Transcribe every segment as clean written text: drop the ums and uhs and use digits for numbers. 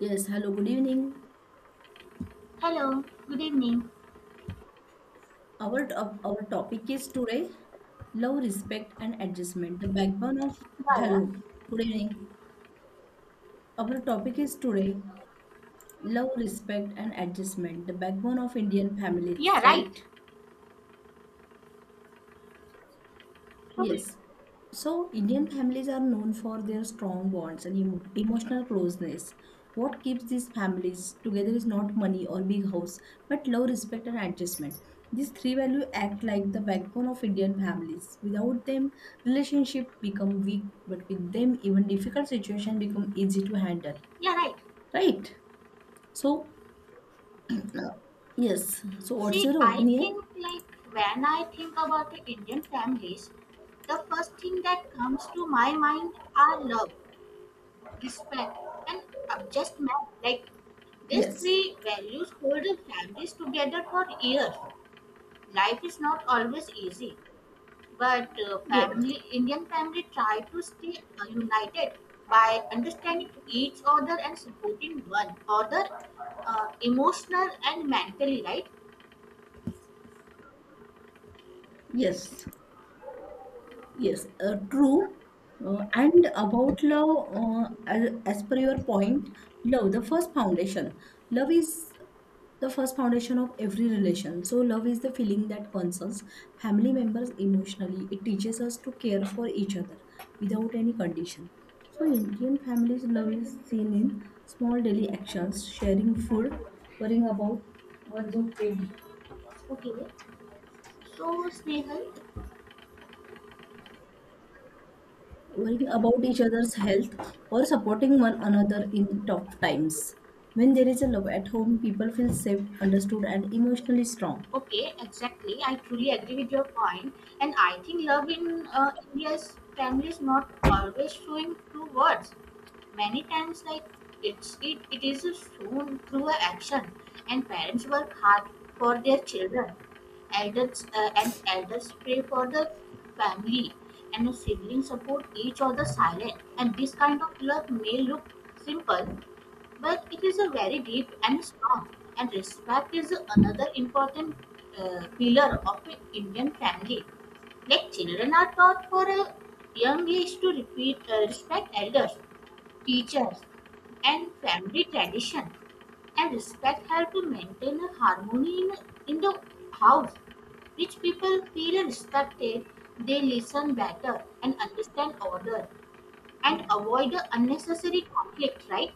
Yes, hello, good evening. Hello, good evening. Our topic is today love, respect, and adjustment. The backbone of Bala. Hello, good evening. Our topic is today love, respect, and adjustment. The backbone of Indian Yeah, families, yeah, right. right? So, Yes. So, Indian families are known for their strong bonds and emotional closeness. What keeps these families together is not money or big house, but love, respect, and adjustment. These three values act like the backbone of Indian families. Without them, relationship become weak, but with them, even difficult situation become easy to handle. yeah, right. Right? So, yes. So, what's See, your I opinion? think like when I think about the Indian families, the first thing that comes to my mind are love, respect, and adjustment. Like these Yes. three values hold the families together for years. Life is not always easy, but Yes. family indian family try to stay united by understanding each other and supporting one other emotional and mentally, right? Yes. Yes, true. And about love, as per your point, love, the first foundation. Love is the first foundation of every relation. So, love is the feeling that concerns family members emotionally. It teaches us to care for each other without any condition. So, Indian families' love is seen in small daily actions, sharing food, worrying about Okay, so snehal. worrying about each other's health or supporting one another in tough times. When there is a love at home, people feel safe, understood, and emotionally strong. Okay, exactly, I truly agree with your point. And I think love in india's family is not always showing through words, many times like it is shown through a action. And parents work hard for their children, elders and elders pray for the family, and the siblings support each other silent. And this kind of love may look simple, but it is a very deep and strong. And respect is another important pillar of an indian family. Like children are taught for a young age to repeat respect elders, teachers, and family tradition. And respect help to maintain a harmony in the house. Rich people feel respected, they listen better and understand order and avoid the unnecessary conflict, right?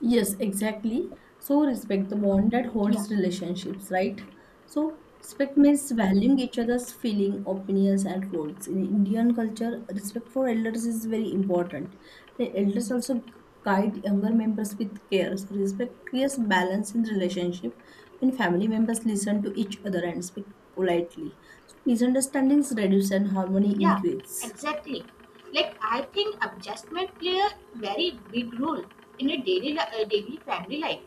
Yes, exactly. So respect the bond that Yeah, holds relationships, right? So respect means valuing each other's feeling, opinions, and roles. In Indian culture, respect for elders is very important. The elders also guide younger members with care. So respect creates balance in relationship when family members listen to each other and speak politely. So misunderstandings reduce and harmony yeah, increase. exactly. Like I think adjustment play a very big role in a daily family life.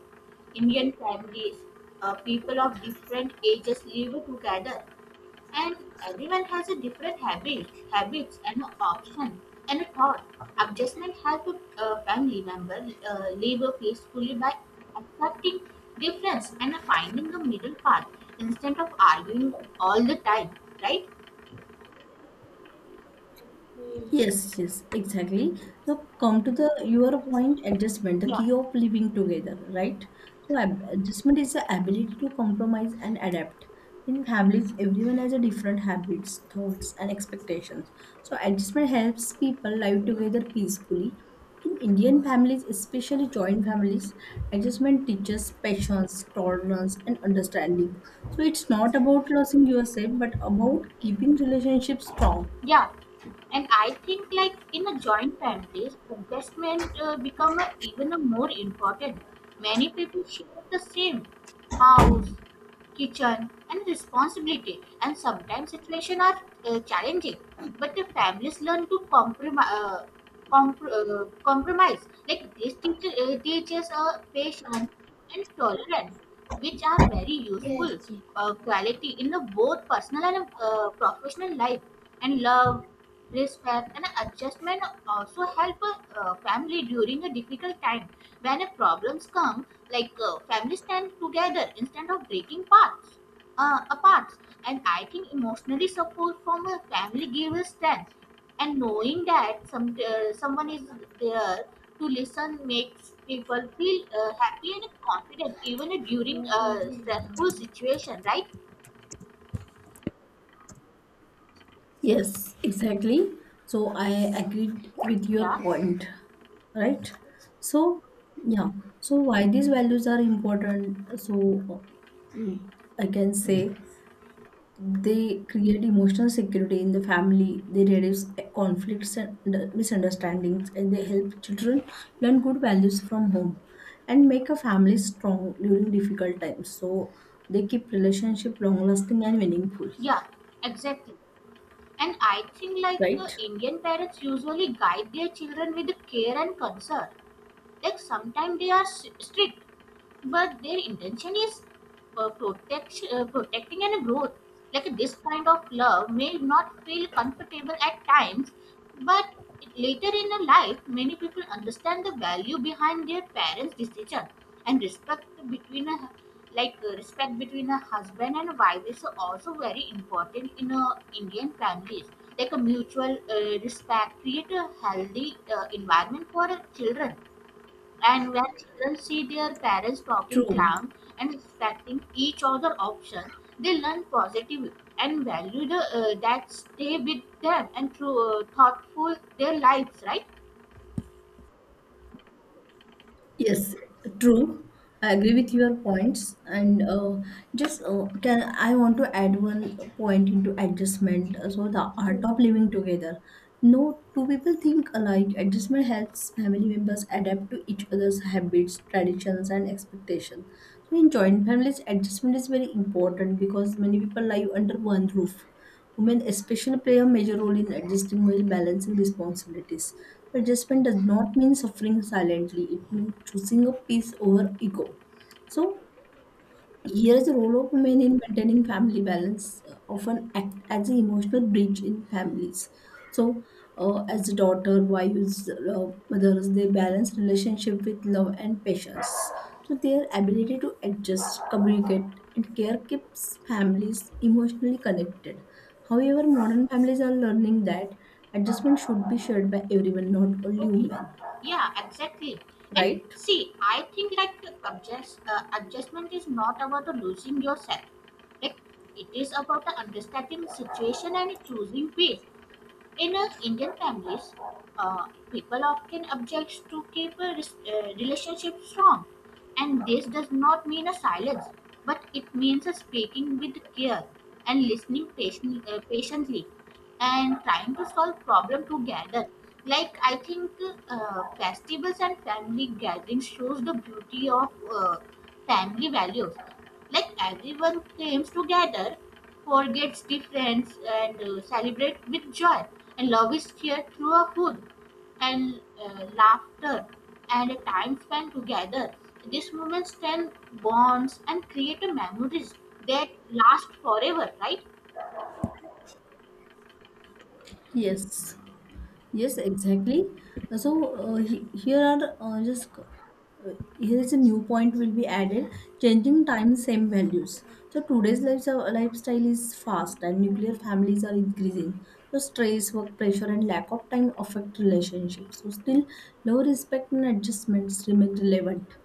Indian families, people of different ages live together. And everyone has a different habits and option and a thought. Adjustment help a family member live peacefully by accepting difference and finding a middle path instead of arguing all the time, right? Yes, yes, exactly. So come to the your point, adjustment, the Yeah, key of living together, right? So adjustment is the ability to compromise and adapt. In families, everyone has a different habits, thoughts, and expectations. So adjustment helps people live together peacefully. In Indian families, especially joint families, adjustment teaches patience, tolerance, and understanding. So it's not about losing yourself, but about keeping relationships strong. yeah. And I think like in a joint families, adjustment become a, even a more important. Many people share the same house, kitchen and responsibility, and sometimes situations are challenging, but the families learn to compromise compromise. Like this teacher teaches patience and tolerance, which are very useful quality in the both personal and professional life. And love, respect and adjustment also help a family during a difficult time. When a problems come, like families stand together instead of breaking parts apart. And I think emotionally support from a family gives strength, and knowing that someone is there to listen makes people feel happy and confident even during a stressful situation, right? Yes, exactly. So I agreed with your Yeah, point, right? So, yeah. So why these values are important? So I can say they create emotional security in the family. They reduce conflicts and misunderstandings, and they help children learn good values from home and make a family strong during difficult times. So they keep relationship long lasting and meaningful, yeah, exactly. And I think like right? indian parents usually guide their children with care and concern. Like sometimes they are strict, but their intention is protecting and growth. Like this kind of love may not feel comfortable at times, but later in a life, many people understand the value behind their parents' decision. And respect between a, respect between a husband and a wife is also very important in a Indian families. Like a mutual respect create a healthy environment for children. And when children see their parents talking True. calm and respecting each other option, they learn positive and value that stay with them and through thoughtful their lives, right? Yes, true. I agree with your points, and just can I want to add one point into adjustment. So the art of living together. No two people think alike. Adjustment helps family members adapt to each other's habits, traditions, and expectations. So in joint families, adjustment is very important because many people live under one roof. Women especially play a major role in adjusting while balancing responsibilities. Adjustment does not mean suffering silently, it means choosing a peace over ego. So, here is the role of women in maintaining family balance, often act as an emotional bridge in families. So, as a daughter, wives, mothers, they balance relationship with love and patience. So, their ability to adjust, communicate, and care keeps families emotionally connected. However, modern families are learning that adjustment should be shared by everyone, not only Okay. women. Yeah, exactly. And Right? see, I think like adjustment is not about the losing yourself. Like it is about the understanding situation and choosing peace. In Indian families, people often object to keep a relationship strong, and this does not mean a silence, but it means a speaking with care and listening patiently and trying to solve problem together. Like I think festivals and family gatherings shows the beauty of family values. Like everyone comes together, forgets difference and celebrate with joy. And love is shared through a food and laughter and a time spent together. These moments strengthen bonds and create a memories that last forever, right? Yes. Yes, exactly. So he- here are just here is a new point will be added: changing time, same values. So today's lives lifestyle is fast, and nuclear families are increasing. So stress, work pressure, and lack of time affect relationships. So still, low respect and adjustments remain relevant.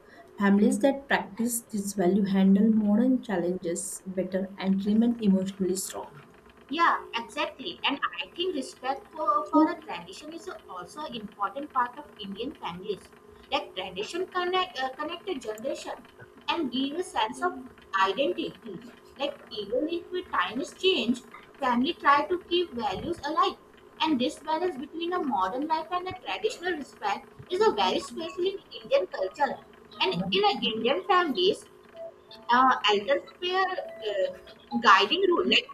Families that practice this value handle modern challenges better and remain emotionally strong. Yeah, exactly. And I think respect for So, a tradition is also an important part of Indian families. Like connect a generation and give a sense of identity. Like even if the times change, family try to keep values alive. And this balance between a modern life and a traditional respect is a very special in Indian culture. And in a Indian families, elders play a guiding role. Like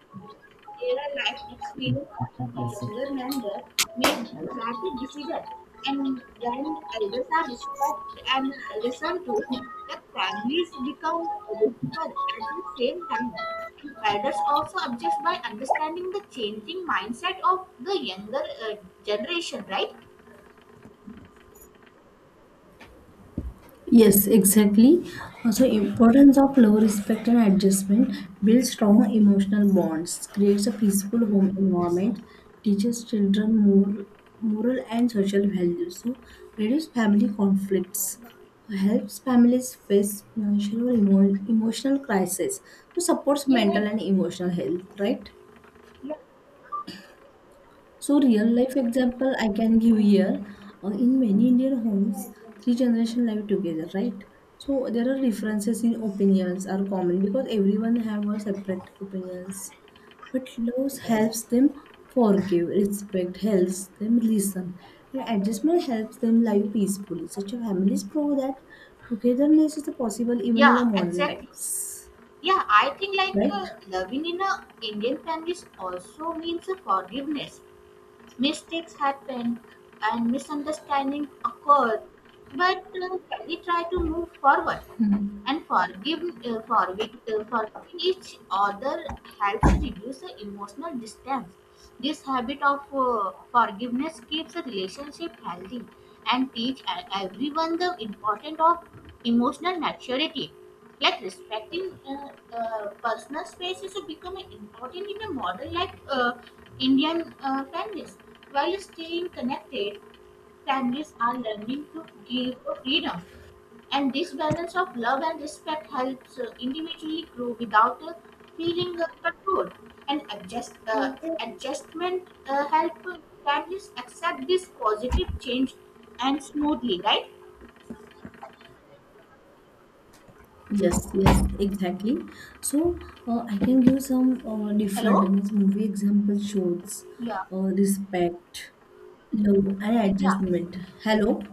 their life experience with younger members make better decisions, and when elders are respected and listened to, the families become richer at the same time. And elders also adjust by understanding the changing mindset of the younger generation, right? yes, exactly. Also, importance of low respect and adjustment builds strong emotional bonds, creates a peaceful home environment, teaches children moral and social values. So, reduce family conflicts, helps families face financial or emotional crisis. So, supports Yeah, mental right. and emotional health. Right? Yeah. So real life example I can give here. In many Indian homes, three generation live together, right? So there are differences in opinions are common because everyone have a separate opinions. But love helps them forgive, respect helps them listen, and adjustment helps them live peacefully. Such a families prove that togetherness is possible even Yeah, in a modern exactly. times, Yeah, I think like right? Loving in a Indian families also means a forgiveness. Mistakes happened and misunderstanding occurred, but we try to move forward. And forgiving each other helps reduce the emotional distance. This habit of forgiveness keeps a relationship healthy and teach everyone the importance of emotional maturity. Like respecting personal space is becoming important in a model like Indian families. While staying connected, families are learning to give freedom, and this balance of love and respect helps individually grow without feeling controlled. And adjustment help families accept this positive change and smoothly, right? Yes, yes, exactly. So I can give some different Hello? means movie example shows Yeah, respect, love, and yeah, adjustment. Hello.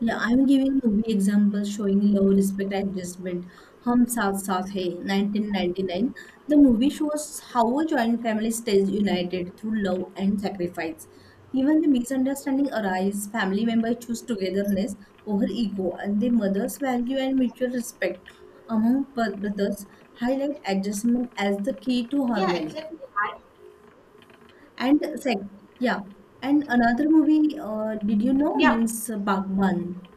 Yeah, I'm giving movie examples showing low respect adjustment. Hum Saath Saath Hai, 1999. The movie shows how a joint family stays united through love and sacrifice. Even the misunderstanding arise, family members choose togetherness over ego, and the mother's value and mutual respect among brothers highlight adjustment as the key to yeah, harmony. exactly. I, And sec- yeah, and another movie, did you know, yeah, means Bagban.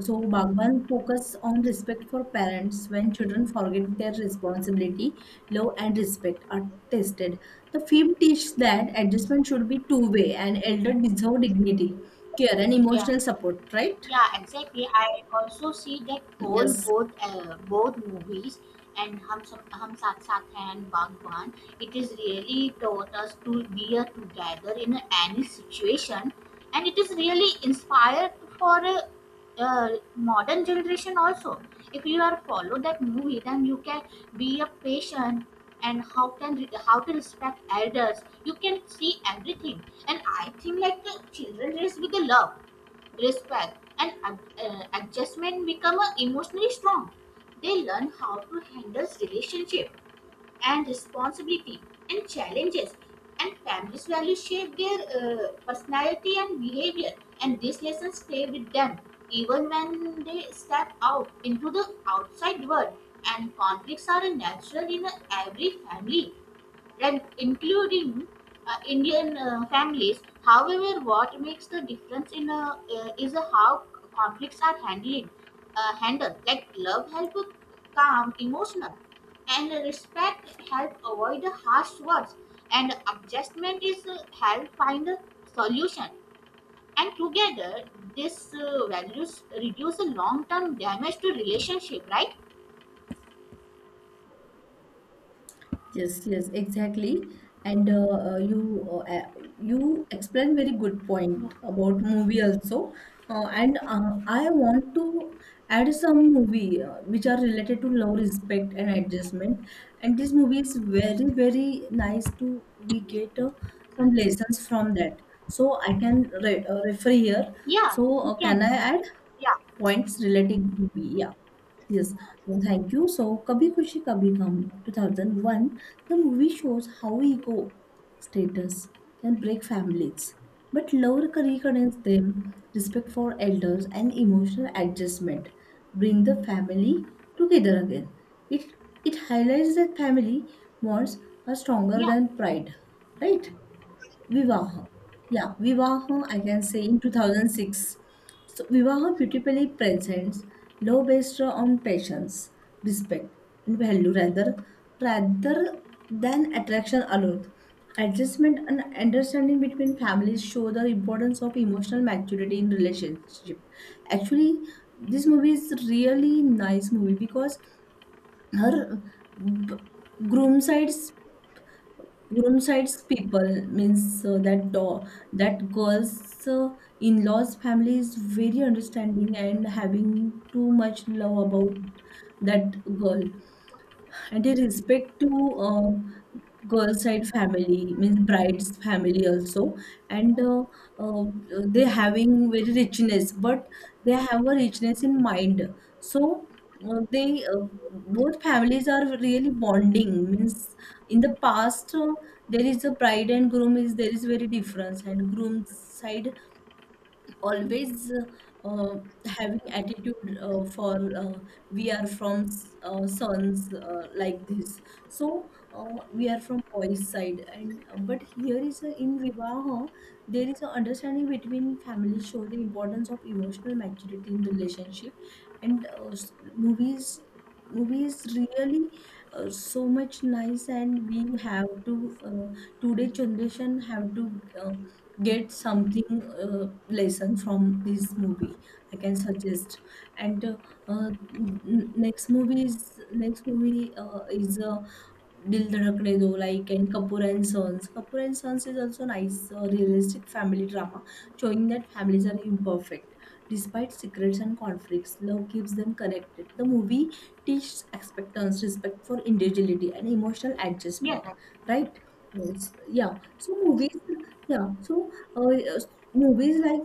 So Bhagwan focus on respect for parents when children forget their responsibility, love and respect are tested. The film teaches that adjustment should be two-way and elder deserve dignity, care and yeah. emotional support, right? Yeah, exactly. I also see that all Yes. Both movies and Hum Saath Saath Hai and Bhagwan. It is really taught us to be together in any situation, and it is really inspired for uh, modern generation also. If you are follow that movie, then you can be a patient and how to respect elders. You can see everything. And I think like the children raised with the love, respect and adjustment become emotionally strong. They learn how to handle relationship and responsibility and challenges, and family's values shape their personality and behavior, and these lessons stay with them even when they step out into the outside world. And conflicts are a natural in every family and including Indian families. However, what makes the difference in is a how conflicts are handled. Like love help calm emotional, and respect help avoid the harsh words, and adjustment is help find a solution. And together, these values reduce the long-term damage to relationship, right? Yes, yes, exactly. And you explained very good Yeah, point about movie also. And I want to add some movie which are related to love, respect, and adjustment. And this movie is very very nice to we get some lessons from that. So I can re refer here. yeah. So You can. can I add? Yeah, Points relating to B. Yeah. Yes, well, thank you. So, Kabhi Khushi Kabhi Gum 2001, the movie shows how ego status can break families, but love reconnects them, respect for elders, and emotional adjustment bring the family together again. It it highlights that family bonds are stronger yeah, than pride, right? Vivaha, yeah, Vivaha. I can say in 2006. So, Vivaha beautifully presents love based on patience, respect, and value rather than attraction alone. Adjustment and understanding between families show the importance of emotional maturity in relationship. Actually, this movie is really nice movie because her b- groom side's groom side's people means that girl's uh, in-laws family is very understanding and having too much love about that girl and in respect to um, girl side family, means bride's family also, and uh, they having very richness, but they have a richness in mind. So they both families are really bonding. Means in the past there is a bride and groom is there is very difference, and groom's side always uh, having attitude for we are from sons like this so we are from boys side and but here is a, in vivaha there is an understanding between families show the importance of emotional maturity in the relationship and movies really so much nice and we have to today generation have to get something lesson from this movie I can suggest and uh, next movie is Dil Dhadakne Do like and Kapoor and Sons. Kapoor and Sons is also nice realistic family drama showing that families are imperfect despite secrets and conflicts. Love keeps them connected. The movie teaches acceptance, respect for individuality, and emotional yeah, adjustment, right? Yes. Yeah. So movies, yeah. So yes, movies like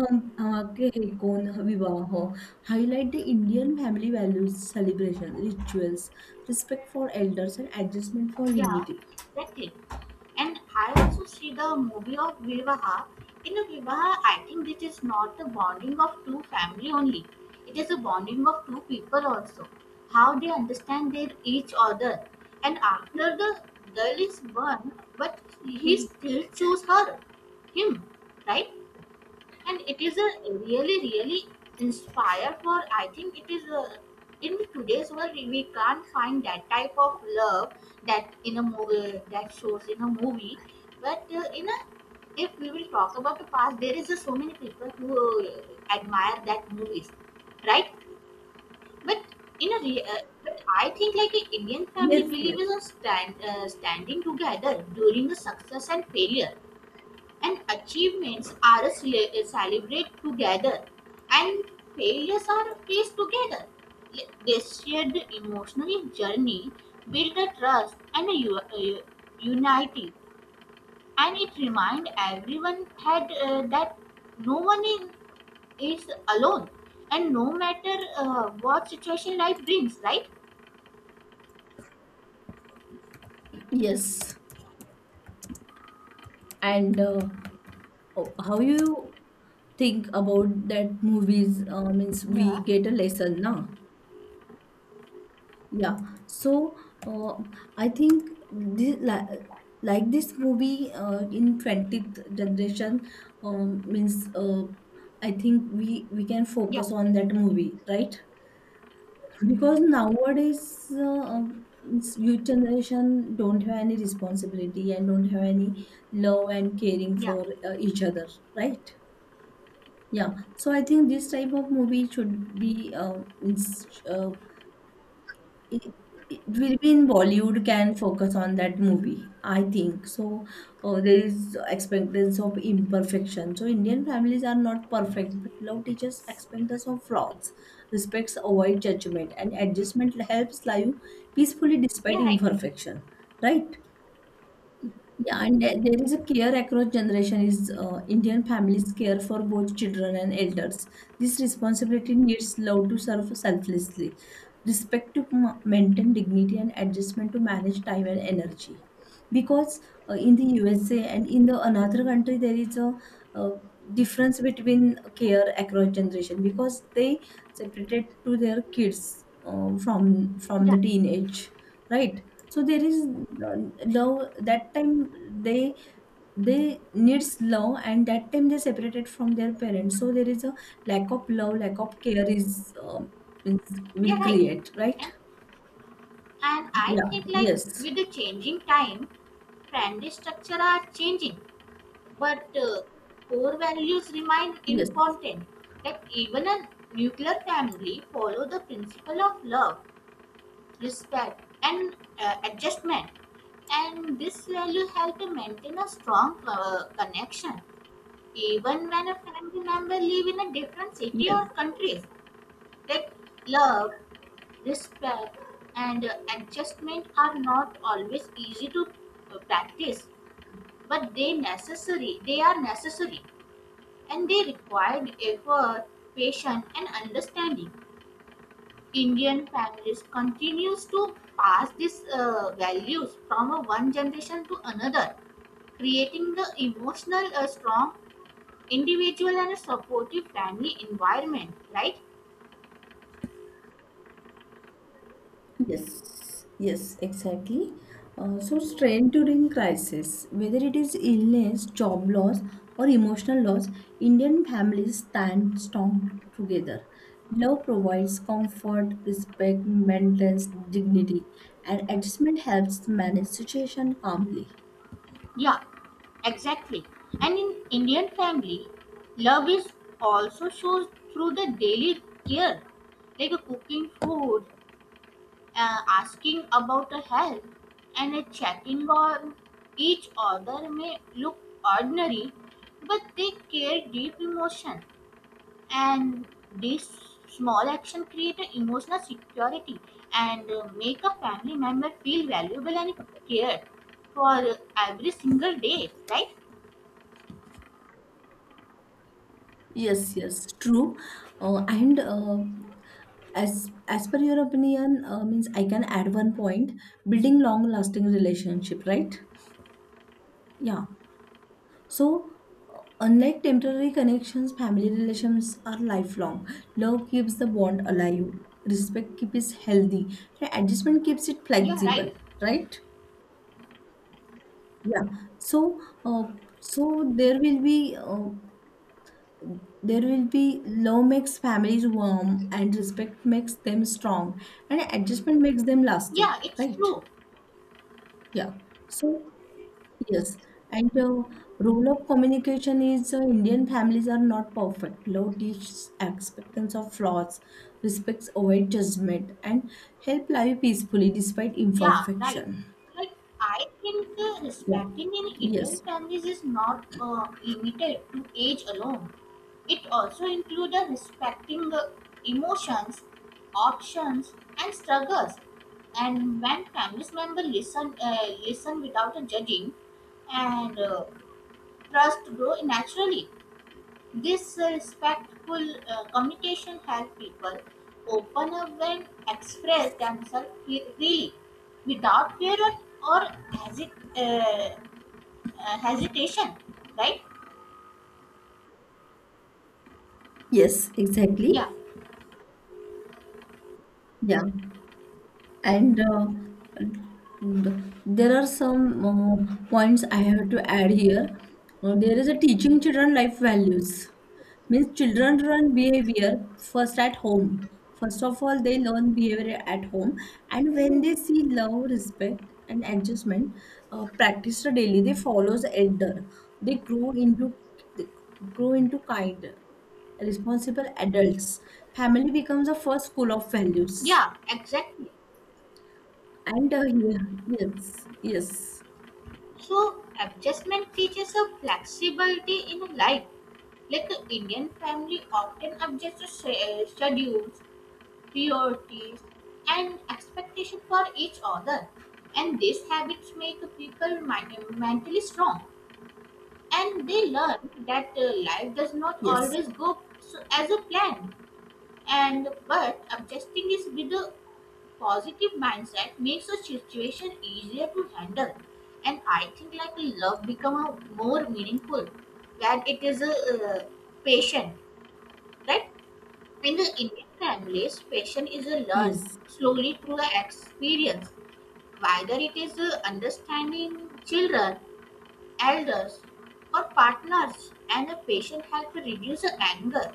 के हे कोण विवाह highlight the Indian family values, celebration, rituals, respect for elders, and adjustment for yeah. unity. Exactly. And I also see the movie of Vivaha. In a Vivaha, I think this is not the bonding of two family only. It is a bonding of two people also. How they understand their each other. And after the girl is born, but he still choose her, him, right? And it is a really really inspire for, I think it is a, in today's world we can't find that type of love that in a movie, that shows in a movie. But in a, if we will talk about the past, there is a so many people who admire that movies, right? But in but I think like an indian family Yes, yes, believes in standing together during the success and failure, and achievements are celebrated together and failures are faced together. This shared emotional journey build a trust and unity, and it remind everyone that no one is alone and no matter what situation life brings, right? yes. And oh, how you think about that movies means we Yeah, get a lesson, na? Yeah, so uh, I think, like this movie in 20th generation means I think we can yeah, focus on that movie, right? Because nowadays it's youth generation don't have any responsibility and don't have any love and caring yeah, for each other, right? Yeah, so I think this type of movie should be it, it will be in Bollywood can focus on that movie, I think. So there is expectance of imperfection. So Indian families are not perfect, but love teaches expectance of flaws, respects avoid judgment, and adjustment helps life peacefully despite you're right, imperfection. Right? Yeah, and there is a care across generation is Indian families care for both children and elders. This responsibility needs love to serve selflessly, respect to maintain dignity and adjustment to manage time and energy. Because in the USA and in the another country there is a, uh difference between care across generation because they separated to their kids from yeah, the teenage, right? So there is uh, love that time they they needs love and that time they separated from their parents, so there is a lack of love, lack of care will you're right. create, right? And, and I Yeah, think like yes, with the changing time, trendy structure are changing, but core values remain yes, important. That even a nuclear family follow the principle of love, respect, and adjustment. And this value help to maintain a strong connection, even when a family member live in a different city yes. or countries. That love, respect, and adjustment are not always easy to practice, but they are necessary, and they required effort, patience and understanding. Indian families continues to pass these values from a one generation to another, creating the emotional strong individual and a supportive family environment, right? Yes, yes, exactly. So, strain during crisis, whether it is illness, job loss, or emotional loss, Indian families stand strong together. Love provides comfort, respect, maintains dignity, and adjustment helps manage situation calmly. Yeah, exactly. And in indian family, love is also shows through the daily care, like cooking food, asking about the health and checking on each other may look ordinary, but they carry deep emotion, and this small action create a emotional security and make a family member feel valuable and cared for every single day. Right? Yes, yes, true. And as per your opinion, means I can add one point: building long-lasting relationship, right? Yeah. So, unlike temporary connections, family relations are lifelong. Love keeps the bond alive, respect keeps it healthy, and adjustment keeps it Yeah, right. flexible, right? Yeah. So, uh, so there will be uh, there will be love makes families warm, and respect makes them strong, and adjustment makes them lasting, Yeah, it's right? true. Yeah. So, yes, and the role of communication is Indian families are not perfect. Love teaches acceptance of flaws, respects avoid judgment, and help live peacefully despite Yeah, right. imperfection. Like I think Yeah. respecting in Indian Yes. families is not limited to age alone. It also includes respecting emotions, options, and struggles. And when family members listen without judging, and trust grow naturally. This respectful communication helps people open up and express themselves freely without fear or hesit- uh, hesitation, right? Yes, exactly. Yeah, Yeah. And there are some points I have to add here. There is a teaching children life values means children learn behavior first at home, first of all they learn behavior at home, and when they see love, respect, and adjustment practiced daily, they follows elder, they grow into they grow into kind responsible adults. Family becomes a first school of values. yeah, exactly. And yeah, yes, yes, So, adjustment teaches a flexibility in life. Like the Indian family often adjusts to schedules, priorities, and expectation for each other. And these habits make people mentally strong, and they learn that life does not yes, always go as a plan. And but adjusting is with a positive mindset makes a situation easier to handle. And I think like love become a more meaningful when it is a patient, right? In the Indian families, passion is a learned yes, slowly through the experience, whether it is a understanding children, elders, or partners, and the patient helps reduce the anger.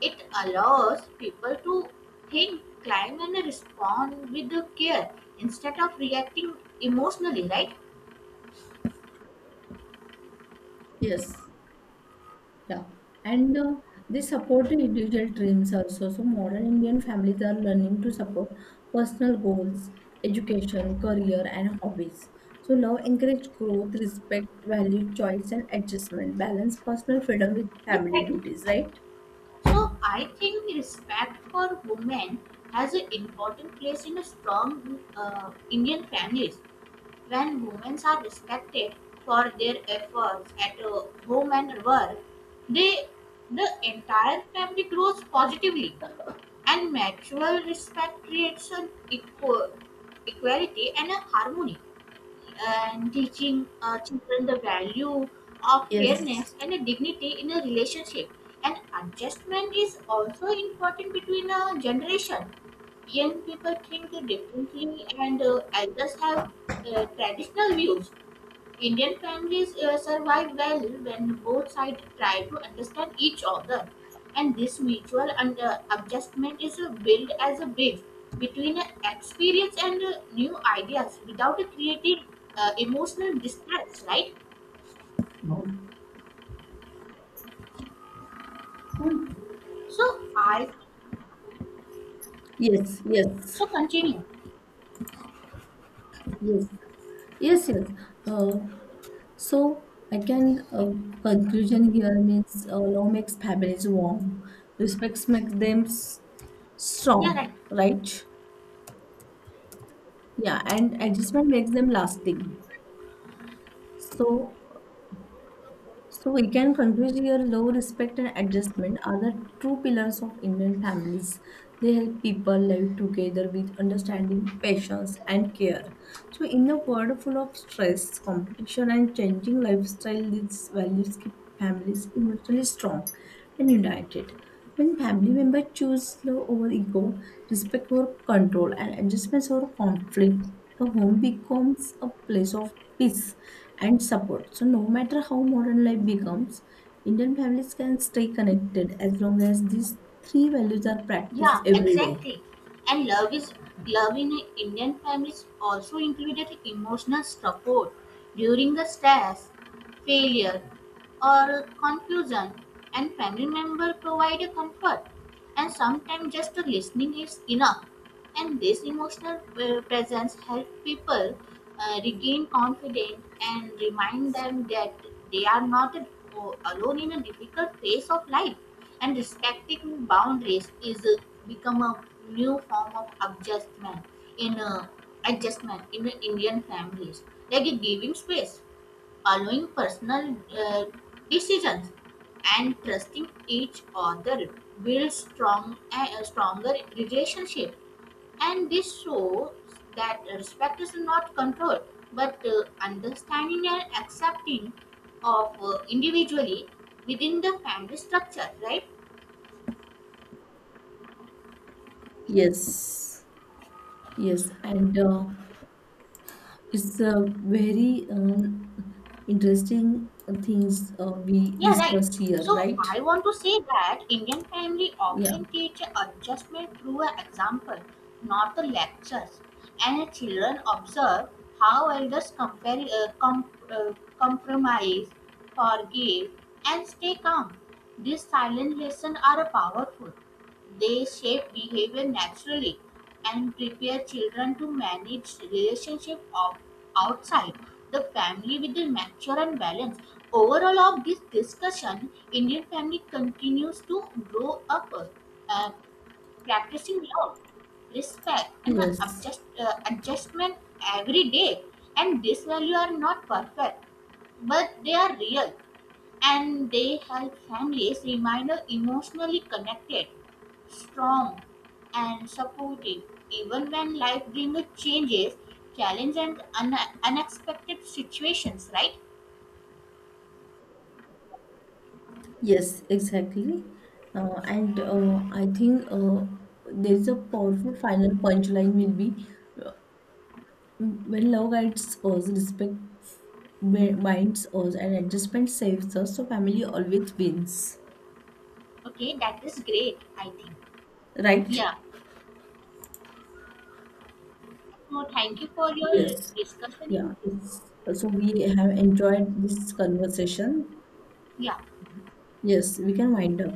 It allows people to think, climb, and respond with the care instead of reacting emotionally, right? yes, yeah. And they support the individual dreams also. So modern Indian families are learning to support personal goals, education, career, and hobbies. So love encourage growth, respect, value, choice, and adjustment. Balance personal freedom with Yeah, family right. duties, right? So I think respect for women has an important place in a strong Indian families. When women are respected for their efforts at home and work, they the entire family grows positively, and mutual respect creates an equality and a harmony, and teaching children the value of Yes. fairness and a dignity in a relationship. And adjustment is also important between a generation. Young people think differently, and elders have traditional views. Indian families survive well when both sides try to understand each other, and this mutual and adjustment is built as a bridge between experience and new ideas without creating emotional distress. Right? No. So I, Yes, yes, so continue. yes, yes, yes. Uh, So I can conclusion here means love makes families warm, respect makes them s- Yeah, strong, right. right? Yeah, and adjustment makes them lasting. So So we can conclude here love, respect, and adjustment are the true pillars of Indian families. They help people live together with understanding, patience, and care. So, in a world full of stress, competition, and changing lifestyle, these values keep families emotionally strong and united. When family members choose love over ego, respect over control, and adjustments over conflict, the home becomes a place of peace and support. So, no matter how modern life becomes, Indian families can stay connected as long as these three values are practiced Yeah, every day. exactly. And love in Indian families also included emotional support during the stress, failure, or confusion, and family member provide a comfort. And sometimes just a listening is enough, and this emotional presence helps people regain confidence and remind them that they are not alone in a difficult phase of life. And respecting boundaries is become a new form of in uh, adjustment in indian families, like giving space, following personal uh, decisions and trusting each other builds stronger relationship. And this shows that respect is not control, but understanding and accepting of individually within the family structure, right? Yes, yes, and it's a very interesting things we Yeah, right. discussed here, So right? I want to say that Indian family Yeah, often teach adjustment through an example, not the lectures. And children observe how elders compromise, forgive, and stay calm. These silent lessons are powerful. They shape behavior naturally and prepare children to manage relationships of outside the family with a mature and balance. Overall, of this discussion, Indian family continues to grow up, uh, practicing love, respect, and yes. Adjustment every day. And these values are not perfect, but they are real, and they help families remain emotionally connected, strong and supportive even when life brings changes, challenge and unexpected situations, right? Yes, exactly. And I think there's a powerful final punchline will be uh, when love guides us, respect binds us, and adjustment saves us, so family always wins. Okay, that is great, I think. Right? Yeah, so thank you for your Yes. discussion in Yeah. this. It's, so we have enjoyed this conversation. Yeah. Yes, we can wind up.